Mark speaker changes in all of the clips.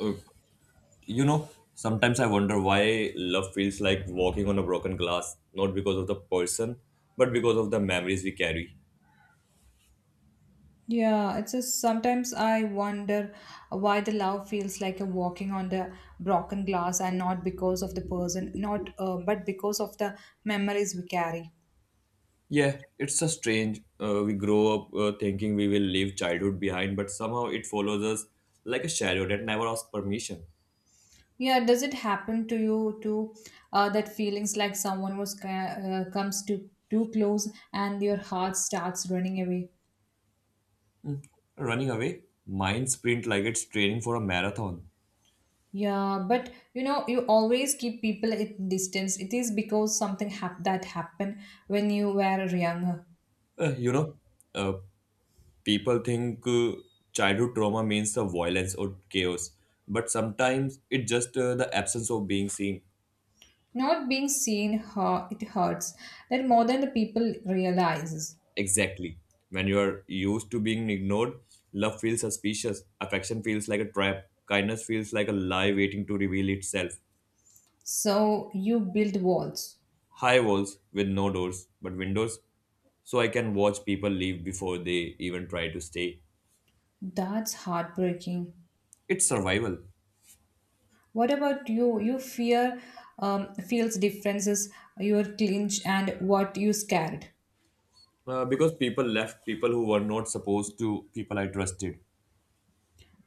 Speaker 1: Uh, Sometimes I wonder why love feels like walking on a broken glass, not because of the person, but because of the memories we carry.
Speaker 2: Yeah, it's just sometimes I wonder why the love feels like a walking on the broken glass and not because of the person, not but because of the memories we carry.
Speaker 1: Yeah, it's a strange. We grow up thinking we will leave childhood behind, but somehow it follows us like a shadow that never asks permission.
Speaker 2: Yeah, does it happen to you too that feelings like someone comes to too close and your heart starts running away?
Speaker 1: Running away, mind sprint like it's training for a marathon.
Speaker 2: Yeah, but you know, you always keep people at distance. It is because something that happened when you were younger.
Speaker 1: Uh, you know, uh, People think childhood trauma means the violence or chaos, but sometimes it's just the absence of being seen.
Speaker 2: Not being seen, it hurts that more than the people realizes.
Speaker 1: Exactly. When you are used to being ignored, love feels suspicious, affection feels like a trap, kindness feels like a lie waiting to reveal itself.
Speaker 2: So you build walls.
Speaker 1: High walls with no doors, but windows, so I can watch people leave before they even try to stay.
Speaker 2: That's heartbreaking.
Speaker 1: It's survival.
Speaker 2: What about you? You fear feels differences. Your clinch and what you scared.
Speaker 1: Because people left, people who were not supposed to, people I trusted.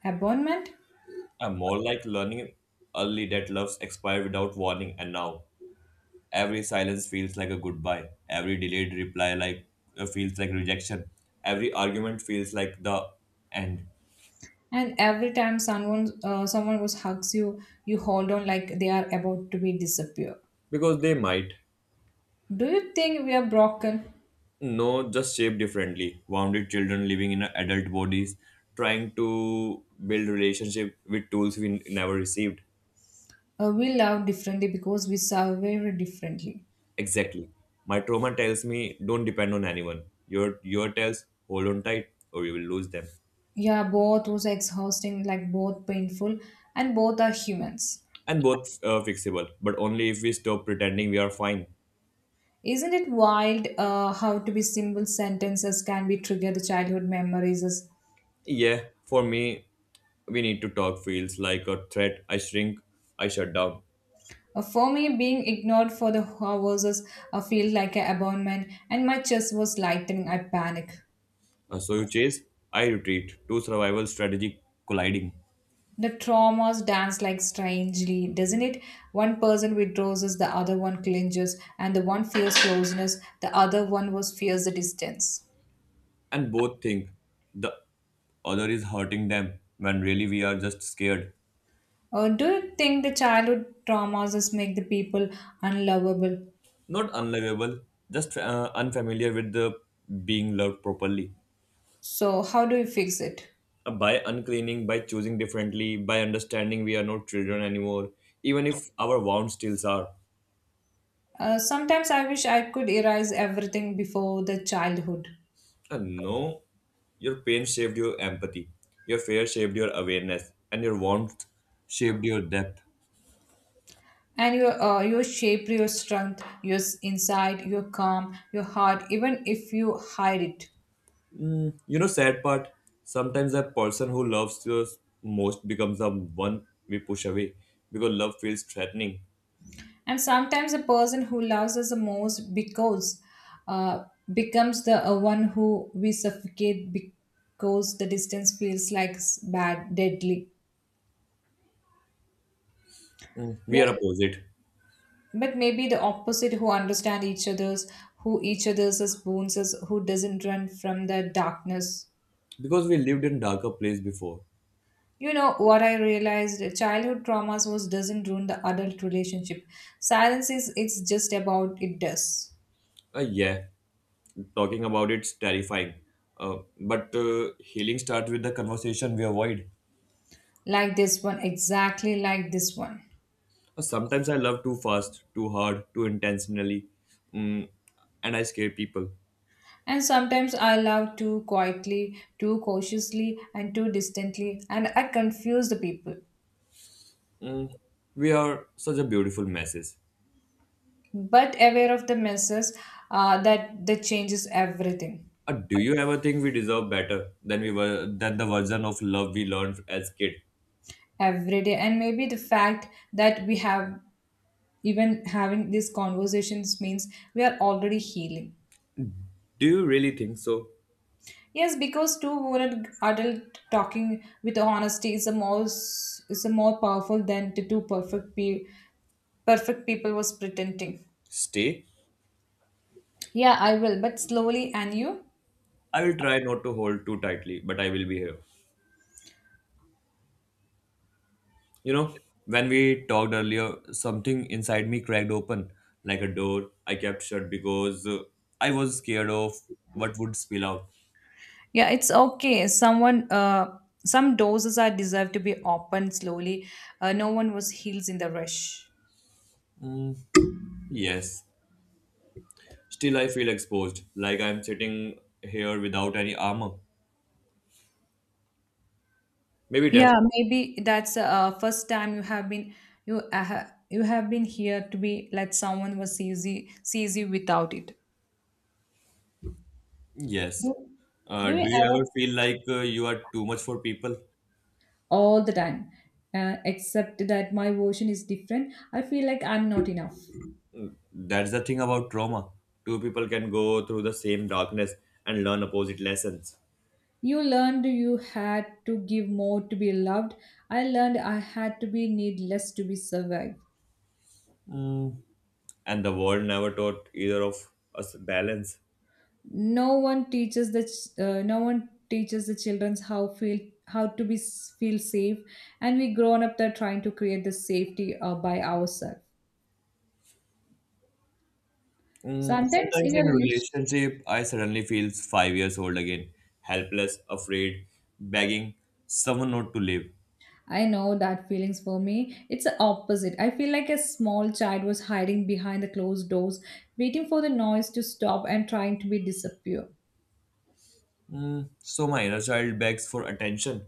Speaker 2: Abandonment.
Speaker 1: I'm more like learning early that loves expire without warning, and now every silence feels like a goodbye. Every delayed reply like feels like rejection. Every argument feels like the end.
Speaker 2: And every time someone was hugs you, you hold on like they are about to be disappear.
Speaker 1: Because they might.
Speaker 2: Do you think we are broken?
Speaker 1: No, just shaped differently. Wounded children living in adult bodies, trying to build relationship with tools we never received.
Speaker 2: We love differently because we survive differently.
Speaker 1: Exactly. My trauma tells me don't depend on anyone. Your tells hold on tight or you will lose them.
Speaker 2: Yeah, both was exhausting, like both painful, and both are humans.
Speaker 1: And both fixable, but only if we stop pretending we are fine.
Speaker 2: Isn't it wild how to be simple sentences can be trigger the childhood memories?
Speaker 1: Yeah, for me, we need to talk feels like a threat. I shrink, I shut down.
Speaker 2: For me, being ignored for the hours is a feel like an abandonment, and my chest was lightening. I panic.
Speaker 1: So you chase, I retreat. Two survival strategy colliding.
Speaker 2: The traumas dance like strangely, doesn't it? One person withdraws, as the other one clinches, and the one fears closeness, the other one was fears the distance.
Speaker 1: And both think the other is hurting them when really we are just scared.
Speaker 2: Do you think the childhood traumas just make the people unlovable?
Speaker 1: Not unlovable, just unfamiliar with the being loved properly.
Speaker 2: So how do you fix it?
Speaker 1: By uncleaning, by choosing differently, by understanding we are not children anymore, even if our wounds still are.
Speaker 2: Sometimes I wish I could erase everything before the childhood.
Speaker 1: And no, your pain saved your empathy, your fear saved your awareness, and your warmth shaped your depth.
Speaker 2: And your shape, your strength, your inside, your calm, your heart, even if you hide it.
Speaker 1: You know, sad part, sometimes the person who loves us most becomes the one we push away because love feels threatening.
Speaker 2: And sometimes the person who loves us the most because uh, becomes the one who we suffocate because the distance feels like bad, deadly.
Speaker 1: Mm. We are
Speaker 2: Where,
Speaker 1: opposite
Speaker 2: but maybe the opposite who understand each other's who each other's as wounds is who doesn't run from the darkness.
Speaker 1: because we lived in darker place before.
Speaker 2: You know what I realized? Childhood traumas was doesn't ruin the adult relationship, silence is, it's just about it does.
Speaker 1: Yeah, talking about it's terrifying. But healing starts with the conversation we avoid.
Speaker 2: Like this one, exactly like this one.
Speaker 1: Sometimes I love too fast, too hard, too intentionally, mm, and I scare people.
Speaker 2: And sometimes I love too quietly, too cautiously and too distantly, and I confuse the people.
Speaker 1: We are such a beautiful messes.
Speaker 2: But aware of the messes, that changes everything.
Speaker 1: Do you ever think we deserve better than we were than the version of love we learned as kid?
Speaker 2: Every day. And maybe the fact that we have, even having these conversations, means we are already healing.
Speaker 1: Do you really think so?
Speaker 2: Yes, because two wounded adult talking with honesty is is a more powerful than the two perfect people was pretending.
Speaker 1: Stay.
Speaker 2: Yeah, I will, but slowly, and you.
Speaker 1: I will try not to hold too tightly, but I will be here. You know, when we talked earlier, something inside me cracked open like a door I kept shut because I was scared of what would spill out.
Speaker 2: Yeah, it's okay, some doses are deserved to be opened slowly. No one was heals in the rush.
Speaker 1: Yes. Still, I feel exposed, like I'm sitting here without any armor. Maybe that's.
Speaker 2: Yeah, maybe that's first time you have been, you you have been here to be like someone was easy sees you without it.
Speaker 1: Yes.
Speaker 2: Do, do
Speaker 1: Do
Speaker 2: you
Speaker 1: you
Speaker 2: ever,
Speaker 1: ever feel like you are too much for people?
Speaker 2: all the time? Except that my version is different. I feel like I'm not enough.
Speaker 1: That's the thing about trauma. Two people can go through the same darkness and learn opposite lessons,
Speaker 2: You learned you had to give more to be loved. I learned I had to be needless to be survived.
Speaker 1: and the world never taught either of us balance.
Speaker 2: No one teaches the no one teaches the children how feel, how to be feel safe, and we grown up there trying to create the safety by ourselves.
Speaker 1: Mm,
Speaker 2: Sometimes
Speaker 1: sometimes
Speaker 2: in a
Speaker 1: in
Speaker 2: relation,
Speaker 1: relationship, I suddenly feel 5 years old again, helpless, afraid, begging someone not to live.
Speaker 2: I know that feelings. For me it's the opposite. I feel like a small child was hiding behind the closed doors, waiting for the noise to stop and trying to be disappear.
Speaker 1: So my inner child begs for attention,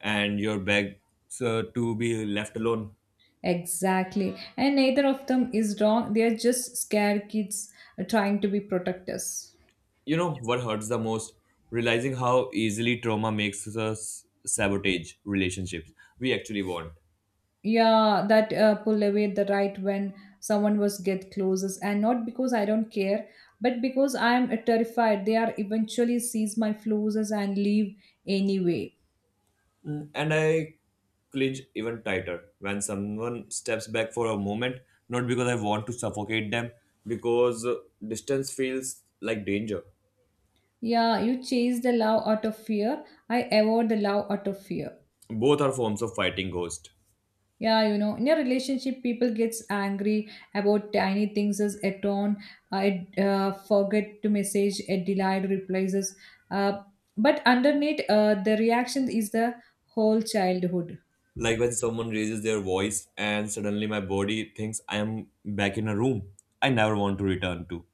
Speaker 1: and your begs to be left alone.
Speaker 2: Exactly, and neither of them is wrong. They are just scared kids trying to be protectors.
Speaker 1: You know what hurts the most? Realizing how easily trauma makes us sabotage relationships we actually want.
Speaker 2: Yeah, that pull away the right when someone was get closest, and not because I don't care, but because I'm terrified they are eventually seize my fluses and leave anyway.
Speaker 1: And I clinch even tighter when someone steps back for a moment, not because I want to suffocate them, because distance feels like danger.
Speaker 2: Yeah, you chase the love out of fear. I avoid the love out of fear.
Speaker 1: Both are forms of fighting ghost.
Speaker 2: Yeah, you know, in a relationship, people gets angry about tiny things as a tone. I forget to message a delayed replies. Is, Uh, but underneath, the reaction is the whole childhood.
Speaker 1: Like when someone raises their voice and suddenly my body thinks I am back in a room I never want to return to.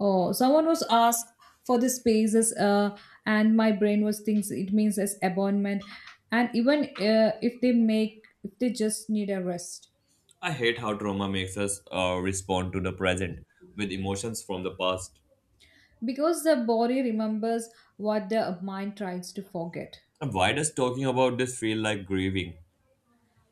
Speaker 2: Oh, someone was asked for the spaces, and my brain was thinks it means as abandonment, and even if they make if they just need a rest,
Speaker 1: I hate how trauma makes us respond to the present with emotions from the past.
Speaker 2: because the body remembers what the mind tries to forget.
Speaker 1: And why does talking about this feel like grieving?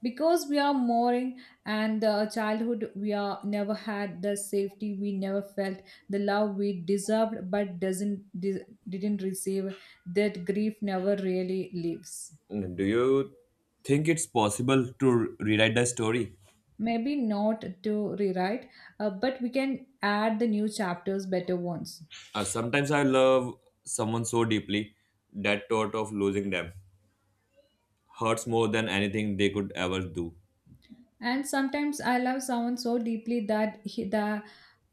Speaker 2: Because we are mourning, and the childhood we are never had, the safety we never felt, the love we deserved but doesn't de- didn't receive, that grief never really leaves.
Speaker 1: Mm, do you think it's possible to rewrite the story?
Speaker 2: Maybe not to rewrite, but we can add the new chapters, better ones.
Speaker 1: Sometimes I love someone so deeply that thought of losing them hurts more than anything they could ever do.
Speaker 2: And sometimes I love someone so deeply that he, the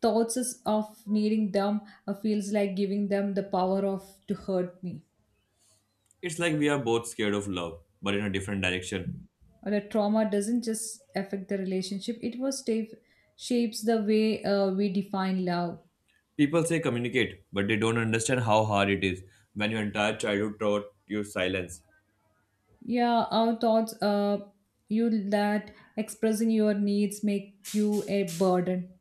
Speaker 2: thoughts is of needing them feels like giving them the power of to hurt me.
Speaker 1: It's like we are both scared of love, but in a different direction.
Speaker 2: Or the trauma doesn't just affect the relationship; it was stave, shapes the way we define love.
Speaker 1: People say communicate, but they don't understand how hard it is when your entire childhood taught you silence.
Speaker 2: Yeah, our thoughts. You that expressing your needs make you a burden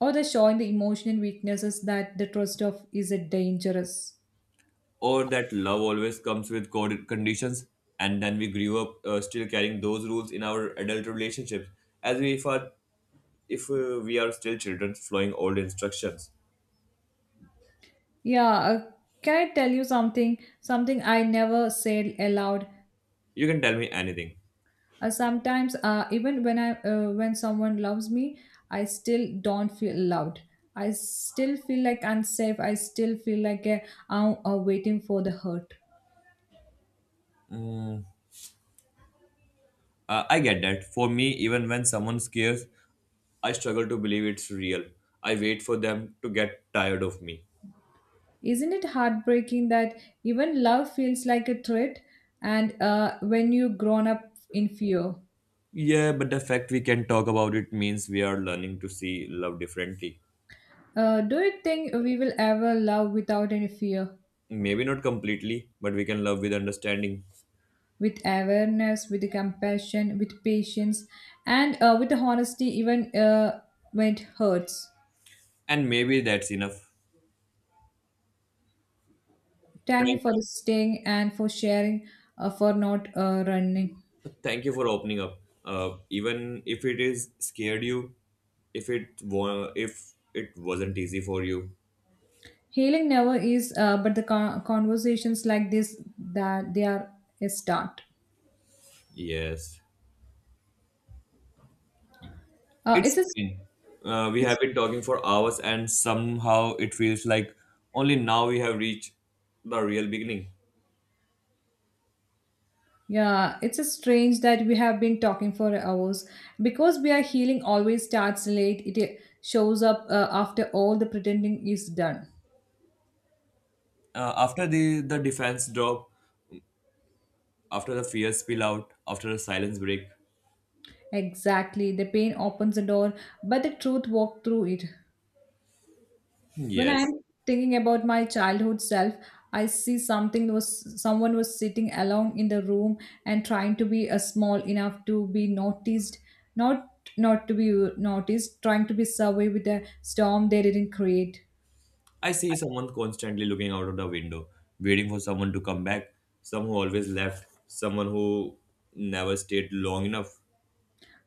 Speaker 2: or the showing the emotional weaknesses that the trust of is a dangerous.
Speaker 1: Or that love always comes with code conditions, and then we grew up still carrying those rules in our adult relationships as we if, are, if we are still children following old instructions.
Speaker 2: Yeah, can I tell you something? Something I never said aloud.
Speaker 1: You can tell me anything.
Speaker 2: Sometimes, even when I when someone loves me, I still don't feel loved. I still feel like unsafe. I still feel like I'm waiting for the hurt.
Speaker 1: I get that. For me, even when someone scares, I struggle to believe it's real. I wait for them to get tired of me.
Speaker 2: Isn't it heartbreaking that even love feels like a threat? And when you grown up in fear.
Speaker 1: Yeah, but the fact we can talk about it means we are learning to see love differently.
Speaker 2: Do you think we will ever love without any fear?
Speaker 1: Maybe not completely, but we can love with understanding.
Speaker 2: With awareness, with compassion, with patience, and with honesty, even when it hurts.
Speaker 1: And maybe that's enough.
Speaker 2: Thank you
Speaker 1: Thank,
Speaker 2: for staying and for sharing, for not running.
Speaker 1: thank you for opening up. Even if it is scared you, if it wasn't easy for you.
Speaker 2: Healing never is, but the conversations like this that they are a start.
Speaker 1: Yes. It's
Speaker 2: It's a,
Speaker 1: been. We
Speaker 2: it's.
Speaker 1: have been talking for hours and somehow it feels like only now we have reached the real beginning.
Speaker 2: Yeah, it's a strange that we have been talking for hours because we are healing always starts late. It shows up after all the pretending is done.
Speaker 1: After the defense drop, after a fierce spill out, after a silence break.
Speaker 2: Exactly, the pain opens the door, but the truth walks through it. When
Speaker 1: Yes,
Speaker 2: I am thinking about my childhood self, I see something was someone was sitting alone in the room and trying to be a small enough to be noticed, not not to be noticed, trying to be survey with a storm they didn't create.
Speaker 1: I see someone constantly looking out of the window, waiting for someone to come back, someone who always left, someone who never stayed long enough,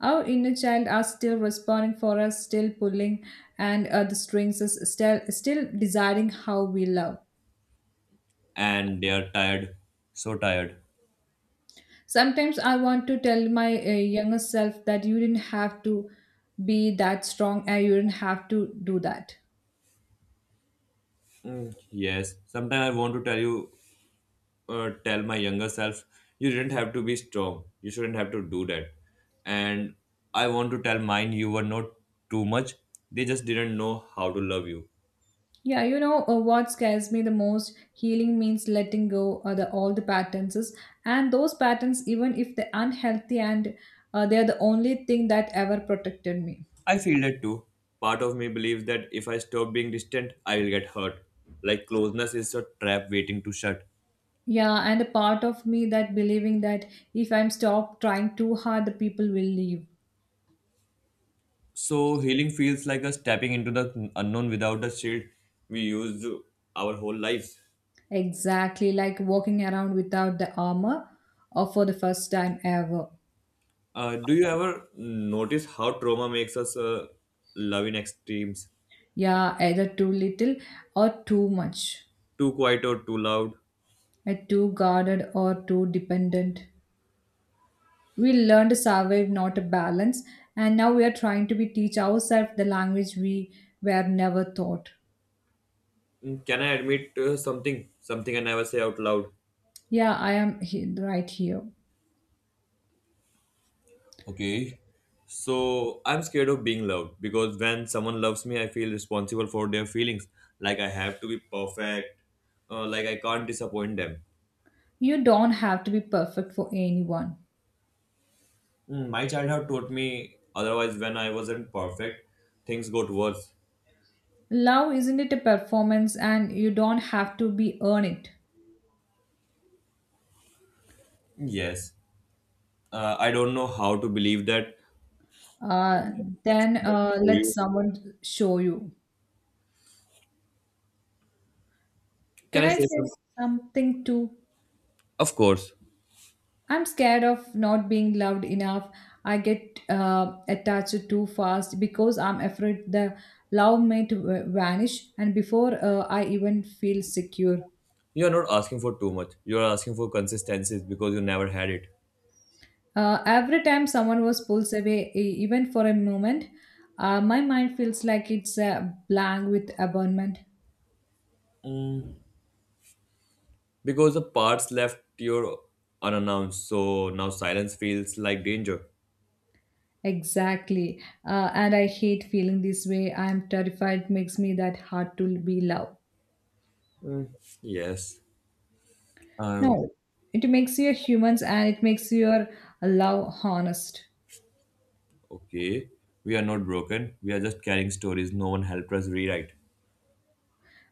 Speaker 2: Our inner child are still responding for us, still pulling and the strings is still deciding how we love.
Speaker 1: and they are tired, so tired.
Speaker 2: Sometimes I want to tell my younger self that you didn't have to be that strong and you didn't have to do that.
Speaker 1: Mm, yes, sometimes I want to tell my younger self, you didn't have to be strong, you shouldn't have to do that. And I want to tell mine, you were not too much, they just didn't know how to love you.
Speaker 2: Yeah, you know what scares me the most? Healing means letting go of the all the patterns, and those patterns, even if they're unhealthy and they're the only thing that ever protected me.
Speaker 1: I feel that too. Part of me believes that if I stop being distant, I will get hurt. Like closeness is a trap waiting to shut.
Speaker 2: Yeah, and a part of me that believing that if I'm stopped trying too hard, the people will leave.
Speaker 1: So healing feels like us stepping into the unknown without the shield we used our whole lives.
Speaker 2: Exactly, like walking around without the armor or for the first time ever.
Speaker 1: Do you ever notice how trauma makes us love in extremes?
Speaker 2: Yeah, either too little or too much,
Speaker 1: Too quiet or too loud?
Speaker 2: and too guarded or too dependent. We learned to survive, not a balance, and now we are trying to be teach ourselves the language we were never taught.
Speaker 1: Mm, can I admit something? Something I never say out loud.
Speaker 2: Yeah, I am right here.
Speaker 1: Okay. So I'm scared of being loved because when someone loves me, I feel responsible for their feelings. Like I have to be perfect. Like I can't disappoint them.
Speaker 2: You don't have to be perfect for anyone.
Speaker 1: Mm, my childhood taught me otherwise, when I wasn't perfect, things got worse.
Speaker 2: Love isn't it a performance and you don't have to be earn it.
Speaker 1: Yes. I don't know how to believe that.
Speaker 2: Uh, then
Speaker 1: Someone
Speaker 2: uh,
Speaker 1: show
Speaker 2: let
Speaker 1: you.
Speaker 2: someone show you.
Speaker 1: Can
Speaker 2: Can
Speaker 1: I
Speaker 2: I
Speaker 1: say
Speaker 2: say
Speaker 1: something?
Speaker 2: something too?
Speaker 1: Of course.
Speaker 2: I'm scared of not being loved enough. I get attached too fast because I'm afraid the love might vanish and before I even feel secure.
Speaker 1: You're not asking for too much. You're asking for consistencies because you never had it.
Speaker 2: Every time someone was pulls away, even for a moment, my mind feels like it's blank with abandonment.
Speaker 1: Because the parts left your unannounced. So now silence feels like danger.
Speaker 2: Exactly. And I hate feeling this way. I'm terrified. It makes me that hard to be loved.
Speaker 1: Mm. Yes. Um.
Speaker 2: No, it makes you humans and it makes your love honest.
Speaker 1: Okay. We are not broken. We are just carrying stories no one helped us rewrite.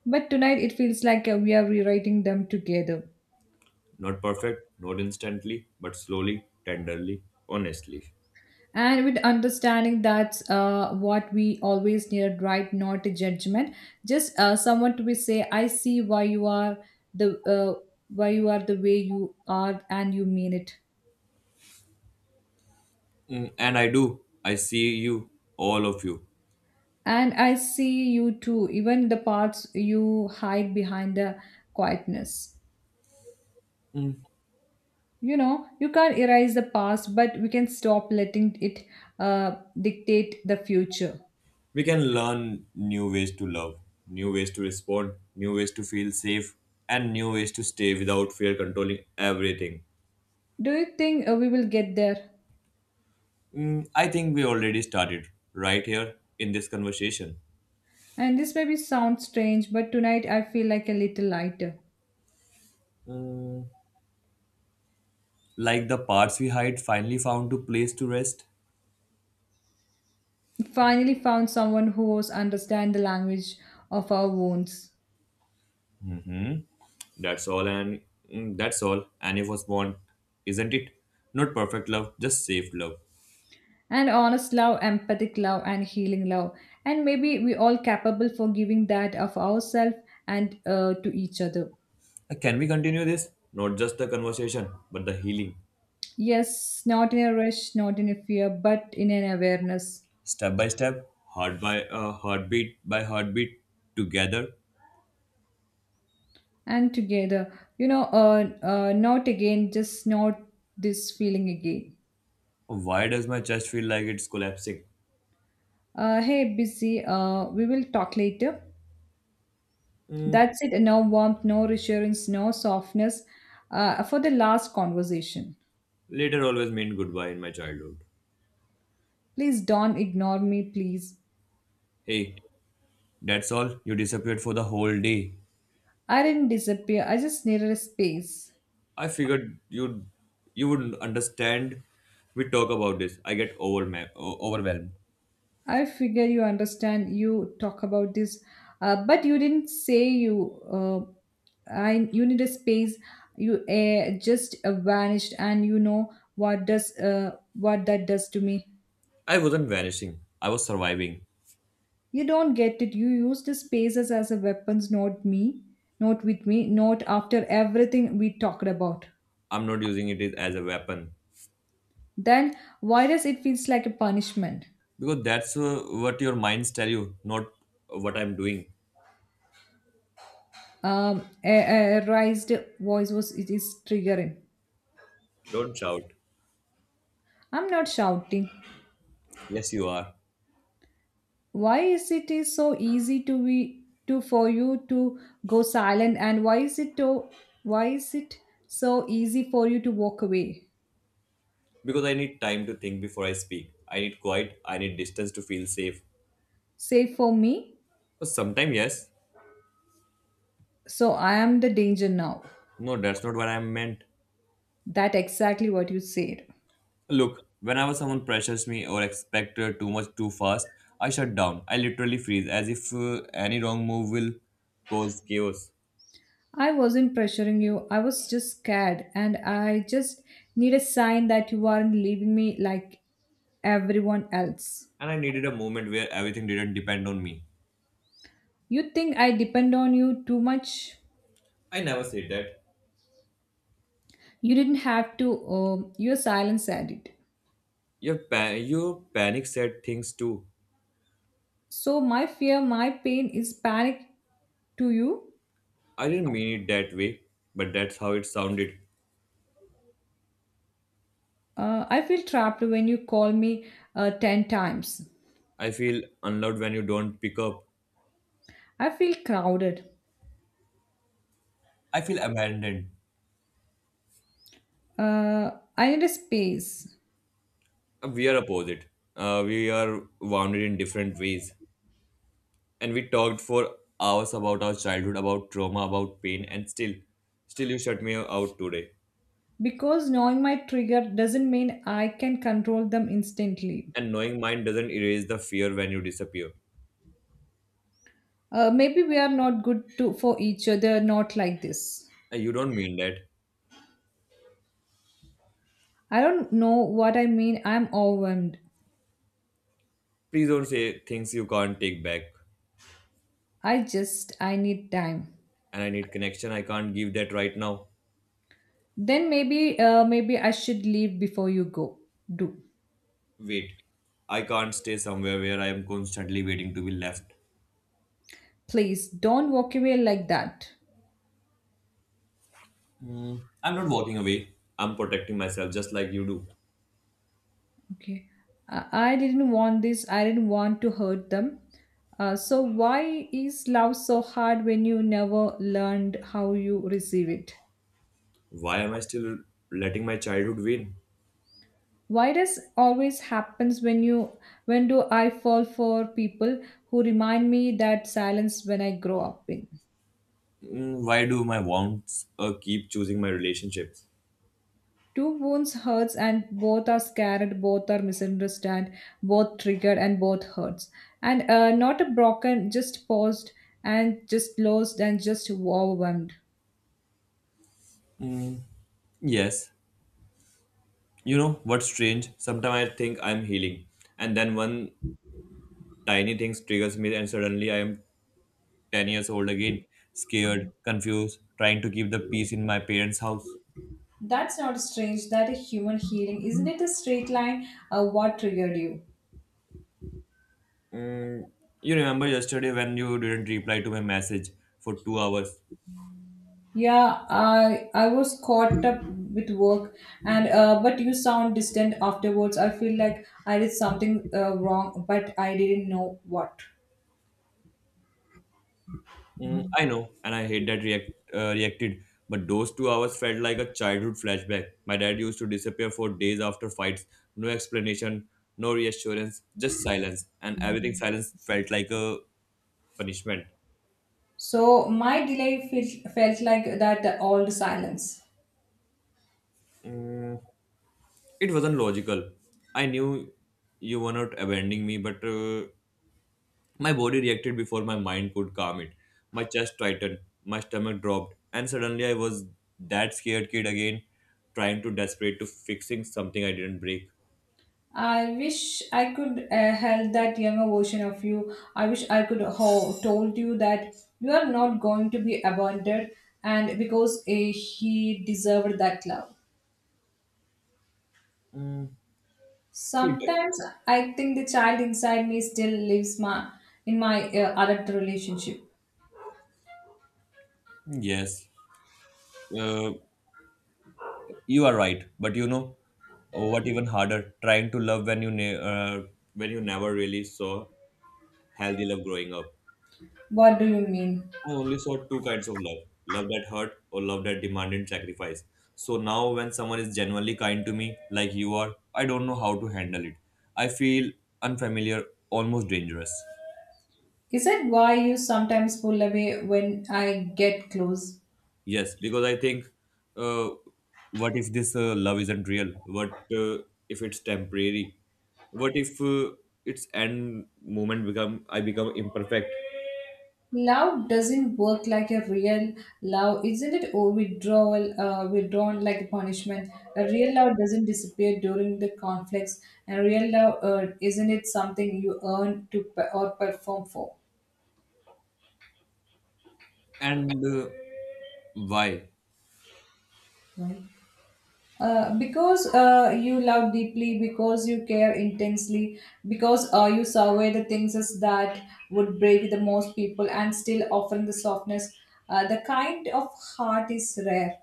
Speaker 2: But tonight it feels like we are rewriting them together.
Speaker 1: Not perfect, not instantly, but slowly, tenderly, honestly.
Speaker 2: And with understanding that's what we always need, right? Not a judgment. Just someone to be say, I see why you are the why you are the way you are and you mean it.
Speaker 1: Mm, and I do. I see you, all of you.
Speaker 2: And I see you too, even the parts you hide behind the quietness. You know, you can't erase the past, but we can stop letting it dictate the future.
Speaker 1: We can learn new ways to love, new ways to respond, new ways to feel safe, and new ways to stay without fear controlling everything.
Speaker 2: Do you think we will get there?
Speaker 1: Mm, I think we already started right here in this conversation.
Speaker 2: And this maybe sounds strange, but tonight I feel like a little lighter.
Speaker 1: Mm, like the parts we hide finally found a place to rest.
Speaker 2: Finally, found someone who was understand the language of our wounds.
Speaker 1: That's all, and that's all Annie was born, isn't it? Not perfect love, just safe love.
Speaker 2: And honest love, empathic love and healing love, and maybe we all capable for giving that of ourselves and to each other.
Speaker 1: Can we continue this? Not just the conversation, but the healing,
Speaker 2: Yes, not in a rush, not in a fear, but in an awareness.
Speaker 1: step by step, heartbeat by heartbeat, together.
Speaker 2: And together, you know, not again, just not this feeling again.
Speaker 1: Why does my chest feel like it's collapsing?
Speaker 2: Hey busy, we will talk later.
Speaker 1: Mm,
Speaker 2: That's it? No warmth, no reassurance, no softness for the last conversation.
Speaker 1: later always meant goodbye in my childhood.
Speaker 2: Please don't ignore me, please.
Speaker 1: Hey, that's all. You disappeared for the whole day.
Speaker 2: I didn't disappear. I just needed a space.
Speaker 1: I figured you wouldn't understand. We talk about this. I get overwhelmed.
Speaker 2: I figure you understand. You talk about this, but you didn't say you. Uh, I you need a space. You just vanished, and you know what that does to me.
Speaker 1: I wasn't vanishing. I was surviving.
Speaker 2: You don't get it. You used the spaces as a weapons, not me, not with me, not after everything we talked about.
Speaker 1: I'm not using it as a weapon
Speaker 2: Then why does it feels like a punishment?
Speaker 1: because that's what your minds tell you, not what I'm doing.
Speaker 2: A raised voice was it is triggering.
Speaker 1: Don't shout.
Speaker 2: I'm not shouting.
Speaker 1: Yes, you are.
Speaker 2: Why is it is so easy to be to for you to go silent and why is it so easy for you to walk away?
Speaker 1: Because I need time to think before I speak. I need quiet. I need distance to feel safe.
Speaker 2: Save for me,
Speaker 1: But sometimes, yes.
Speaker 2: so I am the danger now.
Speaker 1: No, that's not what I meant.
Speaker 2: That exactly what you said.
Speaker 1: Look, whenever someone pressures me or expects too much too fast, I shut down. I literally freeze as if any wrong move will cause chaos.
Speaker 2: I wasn't pressuring you. I was just scared and I just need a sign that you aren't leaving me like everyone else.
Speaker 1: And I needed a moment where everything didn't depend on me.
Speaker 2: You think I depend on you too much?
Speaker 1: I never said that.
Speaker 2: You didn't have to. Your silence said it.
Speaker 1: Your panic said things too.
Speaker 2: So my fear, my pain is panic to you.
Speaker 1: I didn't mean it that way, but that's how it sounded.
Speaker 2: I feel trapped when you call me 10 times.
Speaker 1: I feel unloved when you don't pick up.
Speaker 2: I feel crowded.
Speaker 1: I feel abandoned.
Speaker 2: Uh, I need a space
Speaker 1: We are opposite. We are wounded in different ways. And we talked for hours about our childhood, about trauma, about pain, and still, still you shut me out today.
Speaker 2: because knowing my trigger doesn't mean I can control them instantly.
Speaker 1: And knowing mine doesn't erase the fear when you disappear.
Speaker 2: Maybe we are not good to, for each other, not like this.
Speaker 1: And you don't mean that.
Speaker 2: I don't know what I mean. I'm overwhelmed.
Speaker 1: Please don't say things you can't take back.
Speaker 2: I need time.
Speaker 1: And I need connection. I can't give that right now.
Speaker 2: Then maybe I should leave before you go. Do.
Speaker 1: Wait. I can't stay somewhere where I am constantly waiting to be left.
Speaker 2: Please don't walk away like that.
Speaker 1: Mm, I'm not walking away. I'm protecting myself just like you do.
Speaker 2: Okay. I didn't want this. I didn't want to hurt them. So why is love so hard when you never learned how you receive it?
Speaker 1: Why am I still letting my childhood win?
Speaker 2: Why does always happens when do I fall for people who remind me that silence when I grow up in.
Speaker 1: Mm, why do my wants keep choosing my relationships?
Speaker 2: Two wounds hurts and both are scared, both are misunderstood, both triggered and both hurts. And not a broken, just paused and just lost and just overwhelmed.
Speaker 1: Yes. You know what's strange? Sometimes I think I'm healing, and then one tiny thing triggers me, and suddenly I am 10 years old again, scared, confused, trying to keep the peace in my parents' house.
Speaker 2: That's not strange. That a human healing, isn't it? A straight line. What triggered you?
Speaker 1: You remember yesterday when you didn't reply to my message for 2 hours?
Speaker 2: Yeah, I was caught up with work, and but you sound distant afterwards. I feel like I did something wrong, but I didn't know what.
Speaker 1: I know, and I hate that reacted, but those 2 hours felt like a childhood flashback. My dad used to disappear for days after fights, no explanation, no reassurance, just silence, and everything silence felt like a punishment.
Speaker 2: So my delay felt like that old silence.
Speaker 1: It wasn't logical. I knew you were not abandoning me, but my body reacted before my mind could calm it. My chest tightened, my stomach dropped, and suddenly I was that scared kid again, trying to desperate to fixing something I didn't break.
Speaker 2: I wish I could help that younger version of you. I wish I could have told you that you are not going to be abandoned and because he deserved that love.
Speaker 1: Mm, feedback.
Speaker 2: Sometimes I think the child inside me still lives my in my adult relationship.
Speaker 1: Yes, uh, you are right, but you know what? Even harder, trying to love when when you never really saw healthy love growing up.
Speaker 2: What do you mean?
Speaker 1: I only saw two kinds of love love that hurt or love that demanded sacrifice. So now, when someone is genuinely kind to me, like you are, I don't know how to handle it. I feel unfamiliar, almost dangerous.
Speaker 2: Is it why you sometimes pull away when I get close?
Speaker 1: Yes, because I think, uh, what if this love isn't real? What if it's temporary? What if its end moment become I become imperfect?
Speaker 2: Love doesn't work like a real love, isn't it? Or withdrawn like a punishment. A real love doesn't disappear during the conflicts, and real love, isn't it something you earn to or perform for?
Speaker 1: And why?
Speaker 2: Right? Because you love deeply, because you care intensely, because you survey the things as that would break the most people, and still offering the softness. The kind of heart is rare.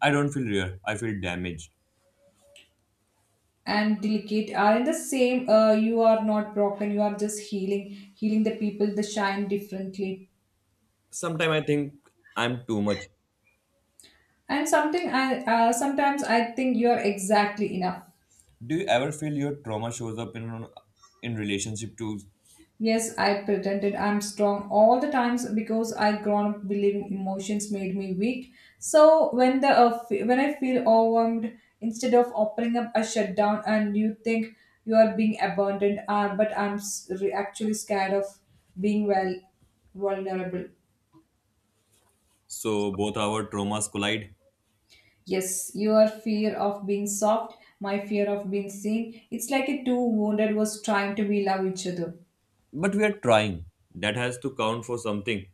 Speaker 1: I don't feel real. I feel damaged.
Speaker 2: And delicate are in the same. You are not broken. You are just healing the people the shine differently.
Speaker 1: Sometimes I think I'm too much.
Speaker 2: And something I sometimes I think you are exactly enough.
Speaker 1: Do you ever feel your trauma shows up in relationship too?
Speaker 2: Yes, I pretended I'm strong all the times because I grown up believing emotions made me weak. So when I feel overwhelmed, instead of opening up I shut down and you think you are being abandoned, but I'm actually scared of being, well, vulnerable.
Speaker 1: So both our traumas collide,
Speaker 2: Yes, your fear of being soft, my fear of being seen. It's like a two wounded was trying to be love each other.
Speaker 1: but we are trying. That has to count for something.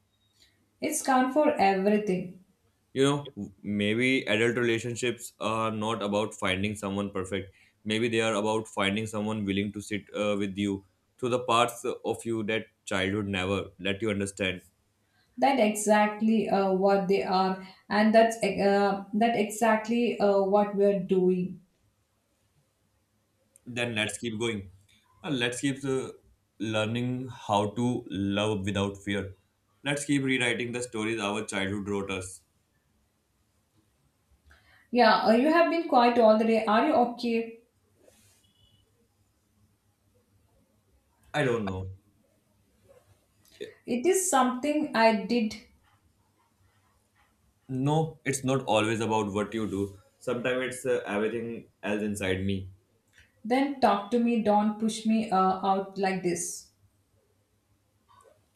Speaker 2: It's count for everything.
Speaker 1: You know, maybe adult relationships are not about finding someone perfect. Maybe they are about finding someone willing to sit with you through the parts of you that childhood never let you understand.
Speaker 2: That exactly what they are, and that exactly what we're doing.
Speaker 1: Then let's keep going. Let's keep learning how to love without fear. Let's keep rewriting the stories our childhood wrote us.
Speaker 2: Yeah, you have been quiet all the day. Are you okay?
Speaker 1: I don't know.
Speaker 2: It is something I did.
Speaker 1: No, it's not always about what you do. Sometimes it's everything else inside me.
Speaker 2: Then talk to me. Don't push me out like this.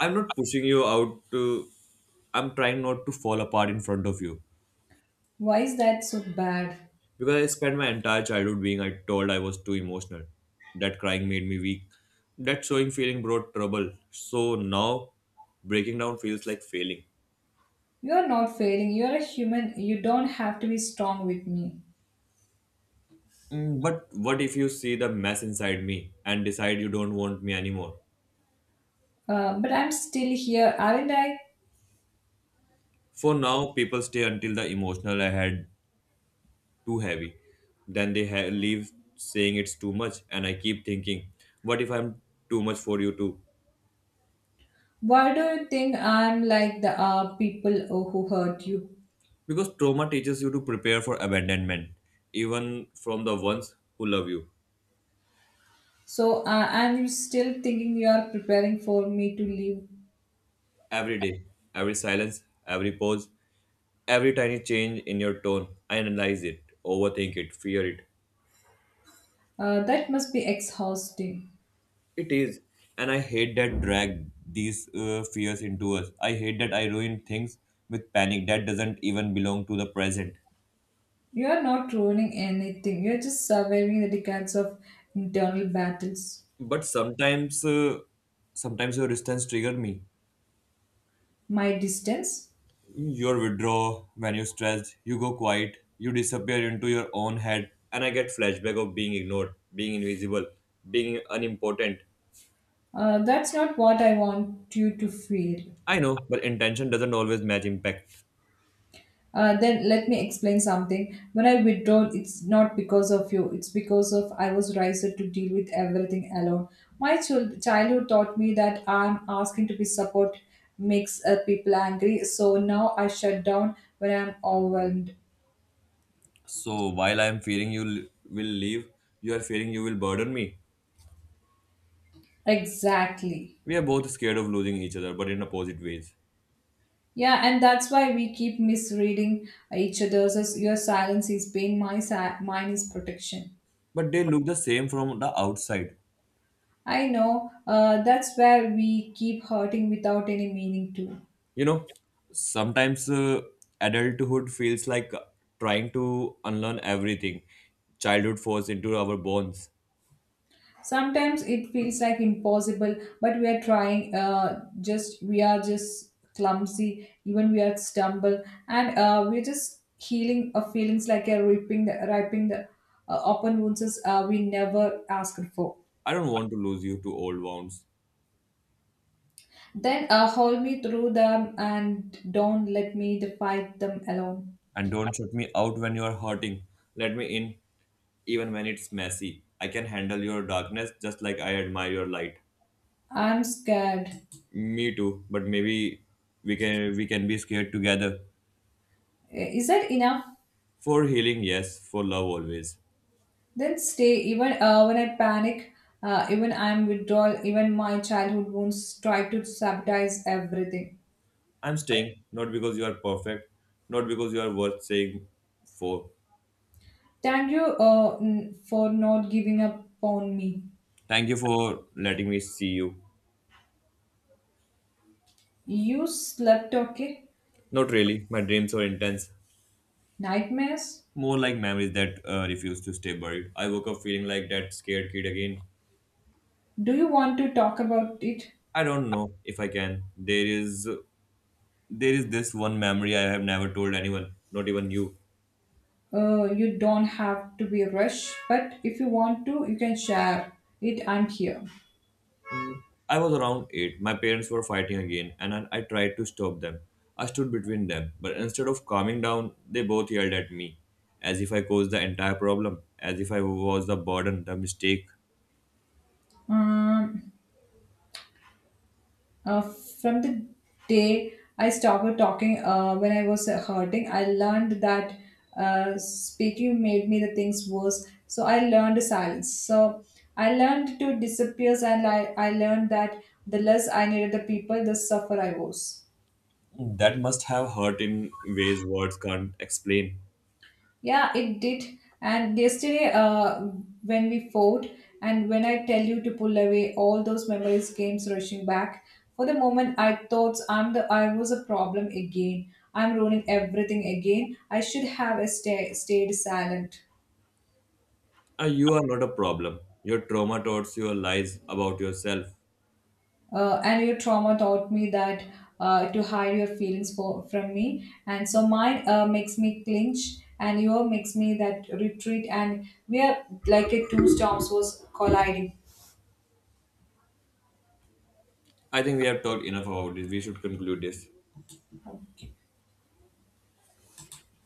Speaker 1: I'm not pushing you out to. I'm trying not to fall apart in front of you.
Speaker 2: Why is that so bad?
Speaker 1: Because I spent my entire childhood being I told I was too emotional. That crying made me weak. That showing feeling brought trouble. So now breaking down feels like failing.
Speaker 2: You are not failing. You are a human. You don't have to be strong with me.
Speaker 1: Mm, but what if you see the mess inside me and decide you don't want me anymore?
Speaker 2: But I'm still here. I mean, like,
Speaker 1: For now, people stay until the emotional I had too heavy. Then they leave saying it's too much, and I keep thinking, what if I'm too much for you too?
Speaker 2: why do you think I'm like the people who hurt you?
Speaker 1: Because trauma teaches you to prepare for abandonment, even from the ones who love you.
Speaker 2: So, and you still thinking you are preparing for me to leave?
Speaker 1: Every day, every silence, every pause, every tiny change in your tone, I analyze it, overthink it, fear it.
Speaker 2: That must be exhausting.
Speaker 1: It is, and I hate that drag these fears into us. I hate that I ruin things with panic that doesn't even belong to the present.
Speaker 2: You are not ruining anything. You are just surviving the decades of internal battles.
Speaker 1: But sometimes, sometimes your distance trigger me.
Speaker 2: My distance.
Speaker 1: Your withdrawal, when you're stressed, you go quiet, you disappear into your own head, and I get flashback of being ignored, being invisible, being unimportant.
Speaker 2: That's not what I want you to feel.
Speaker 1: I know, but intention doesn't always match impact.
Speaker 2: Then let me explain something. When I withdraw, it's not because of you. It's because of I was raised to deal with everything alone. My childhood taught me that I'm asking to be support makes people angry. So now I shut down when I'm overwhelmed.
Speaker 1: So while I am fearing will leave, you are fearing you will burden me.
Speaker 2: Exactly.
Speaker 1: We are both scared of losing each other, but in opposite ways.
Speaker 2: Yeah, and that's why we keep misreading each other's. As your silence is pain, my mine is protection.
Speaker 1: But they look the same from the outside.
Speaker 2: I know. That's where we keep hurting without any meaning to.
Speaker 1: You know, sometimes adulthood feels like trying to unlearn everything childhood forced into our bones.
Speaker 2: Sometimes it feels like impossible, but we are trying. Just we are just clumsy. Even we are stumble, and we're just healing feelings like a ripping the open wounds we never asked for.
Speaker 1: I don't want to lose you to old wounds.
Speaker 2: Then hold me through them and don't let me the fight them alone.
Speaker 1: And don't shut me out when you are hurting. Let me in, even when it's messy. I can handle your darkness just like I admire your light.
Speaker 2: I'm scared.
Speaker 1: Me too, but maybe we can be scared together.
Speaker 2: Is that enough?
Speaker 1: For healing, yes, for love always.
Speaker 2: Then stay, even when I panic, even I'm withdrawal, even my childhood wounds try to sabotage everything.
Speaker 1: I'm staying, not because you are perfect, not because you are worth saying for.
Speaker 2: Thank you for not giving up on me.
Speaker 1: Thank you for letting me see you.
Speaker 2: You slept okay?
Speaker 1: Not really, my dreams are intense.
Speaker 2: Nightmares?
Speaker 1: More like memories that refuse to stay buried. I woke up feeling like that scared kid again.
Speaker 2: Do you want to talk about it?
Speaker 1: I don't know if I can. There is this one memory I have never told anyone, not even you.
Speaker 2: You don't have to be rushed, but if you want to, you can share it. I'm here.
Speaker 1: Mm, I was around 8. My parents were fighting again and I tried to stop them. I stood between them, but instead of calming down, they both yelled at me as if I caused the entire problem, as if I was the burden, the mistake.
Speaker 2: Um, Uh, from the day I stopped talking when I was hurting, I learned that speaking made me the things worse. So I learned silence. So I learned to disappear, and I learned that the less I needed the people, the suffer I was.
Speaker 1: That must have hurt in ways words can't explain.
Speaker 2: Yeah, it did. And yesterday, when we fought, and when I tell you to pull away, all those memories came rushing back. For the moment, I thought I was a problem again. I'm ruining everything again. I should have stayed silent.
Speaker 1: You are not a problem. Your trauma towards your lies about yourself.
Speaker 2: And your trauma taught me that to hide your feelings from me. And so mine makes me clinch, and your makes me that retreat. And we are like a two storms was colliding.
Speaker 1: I think we have talked enough about this. We should conclude this.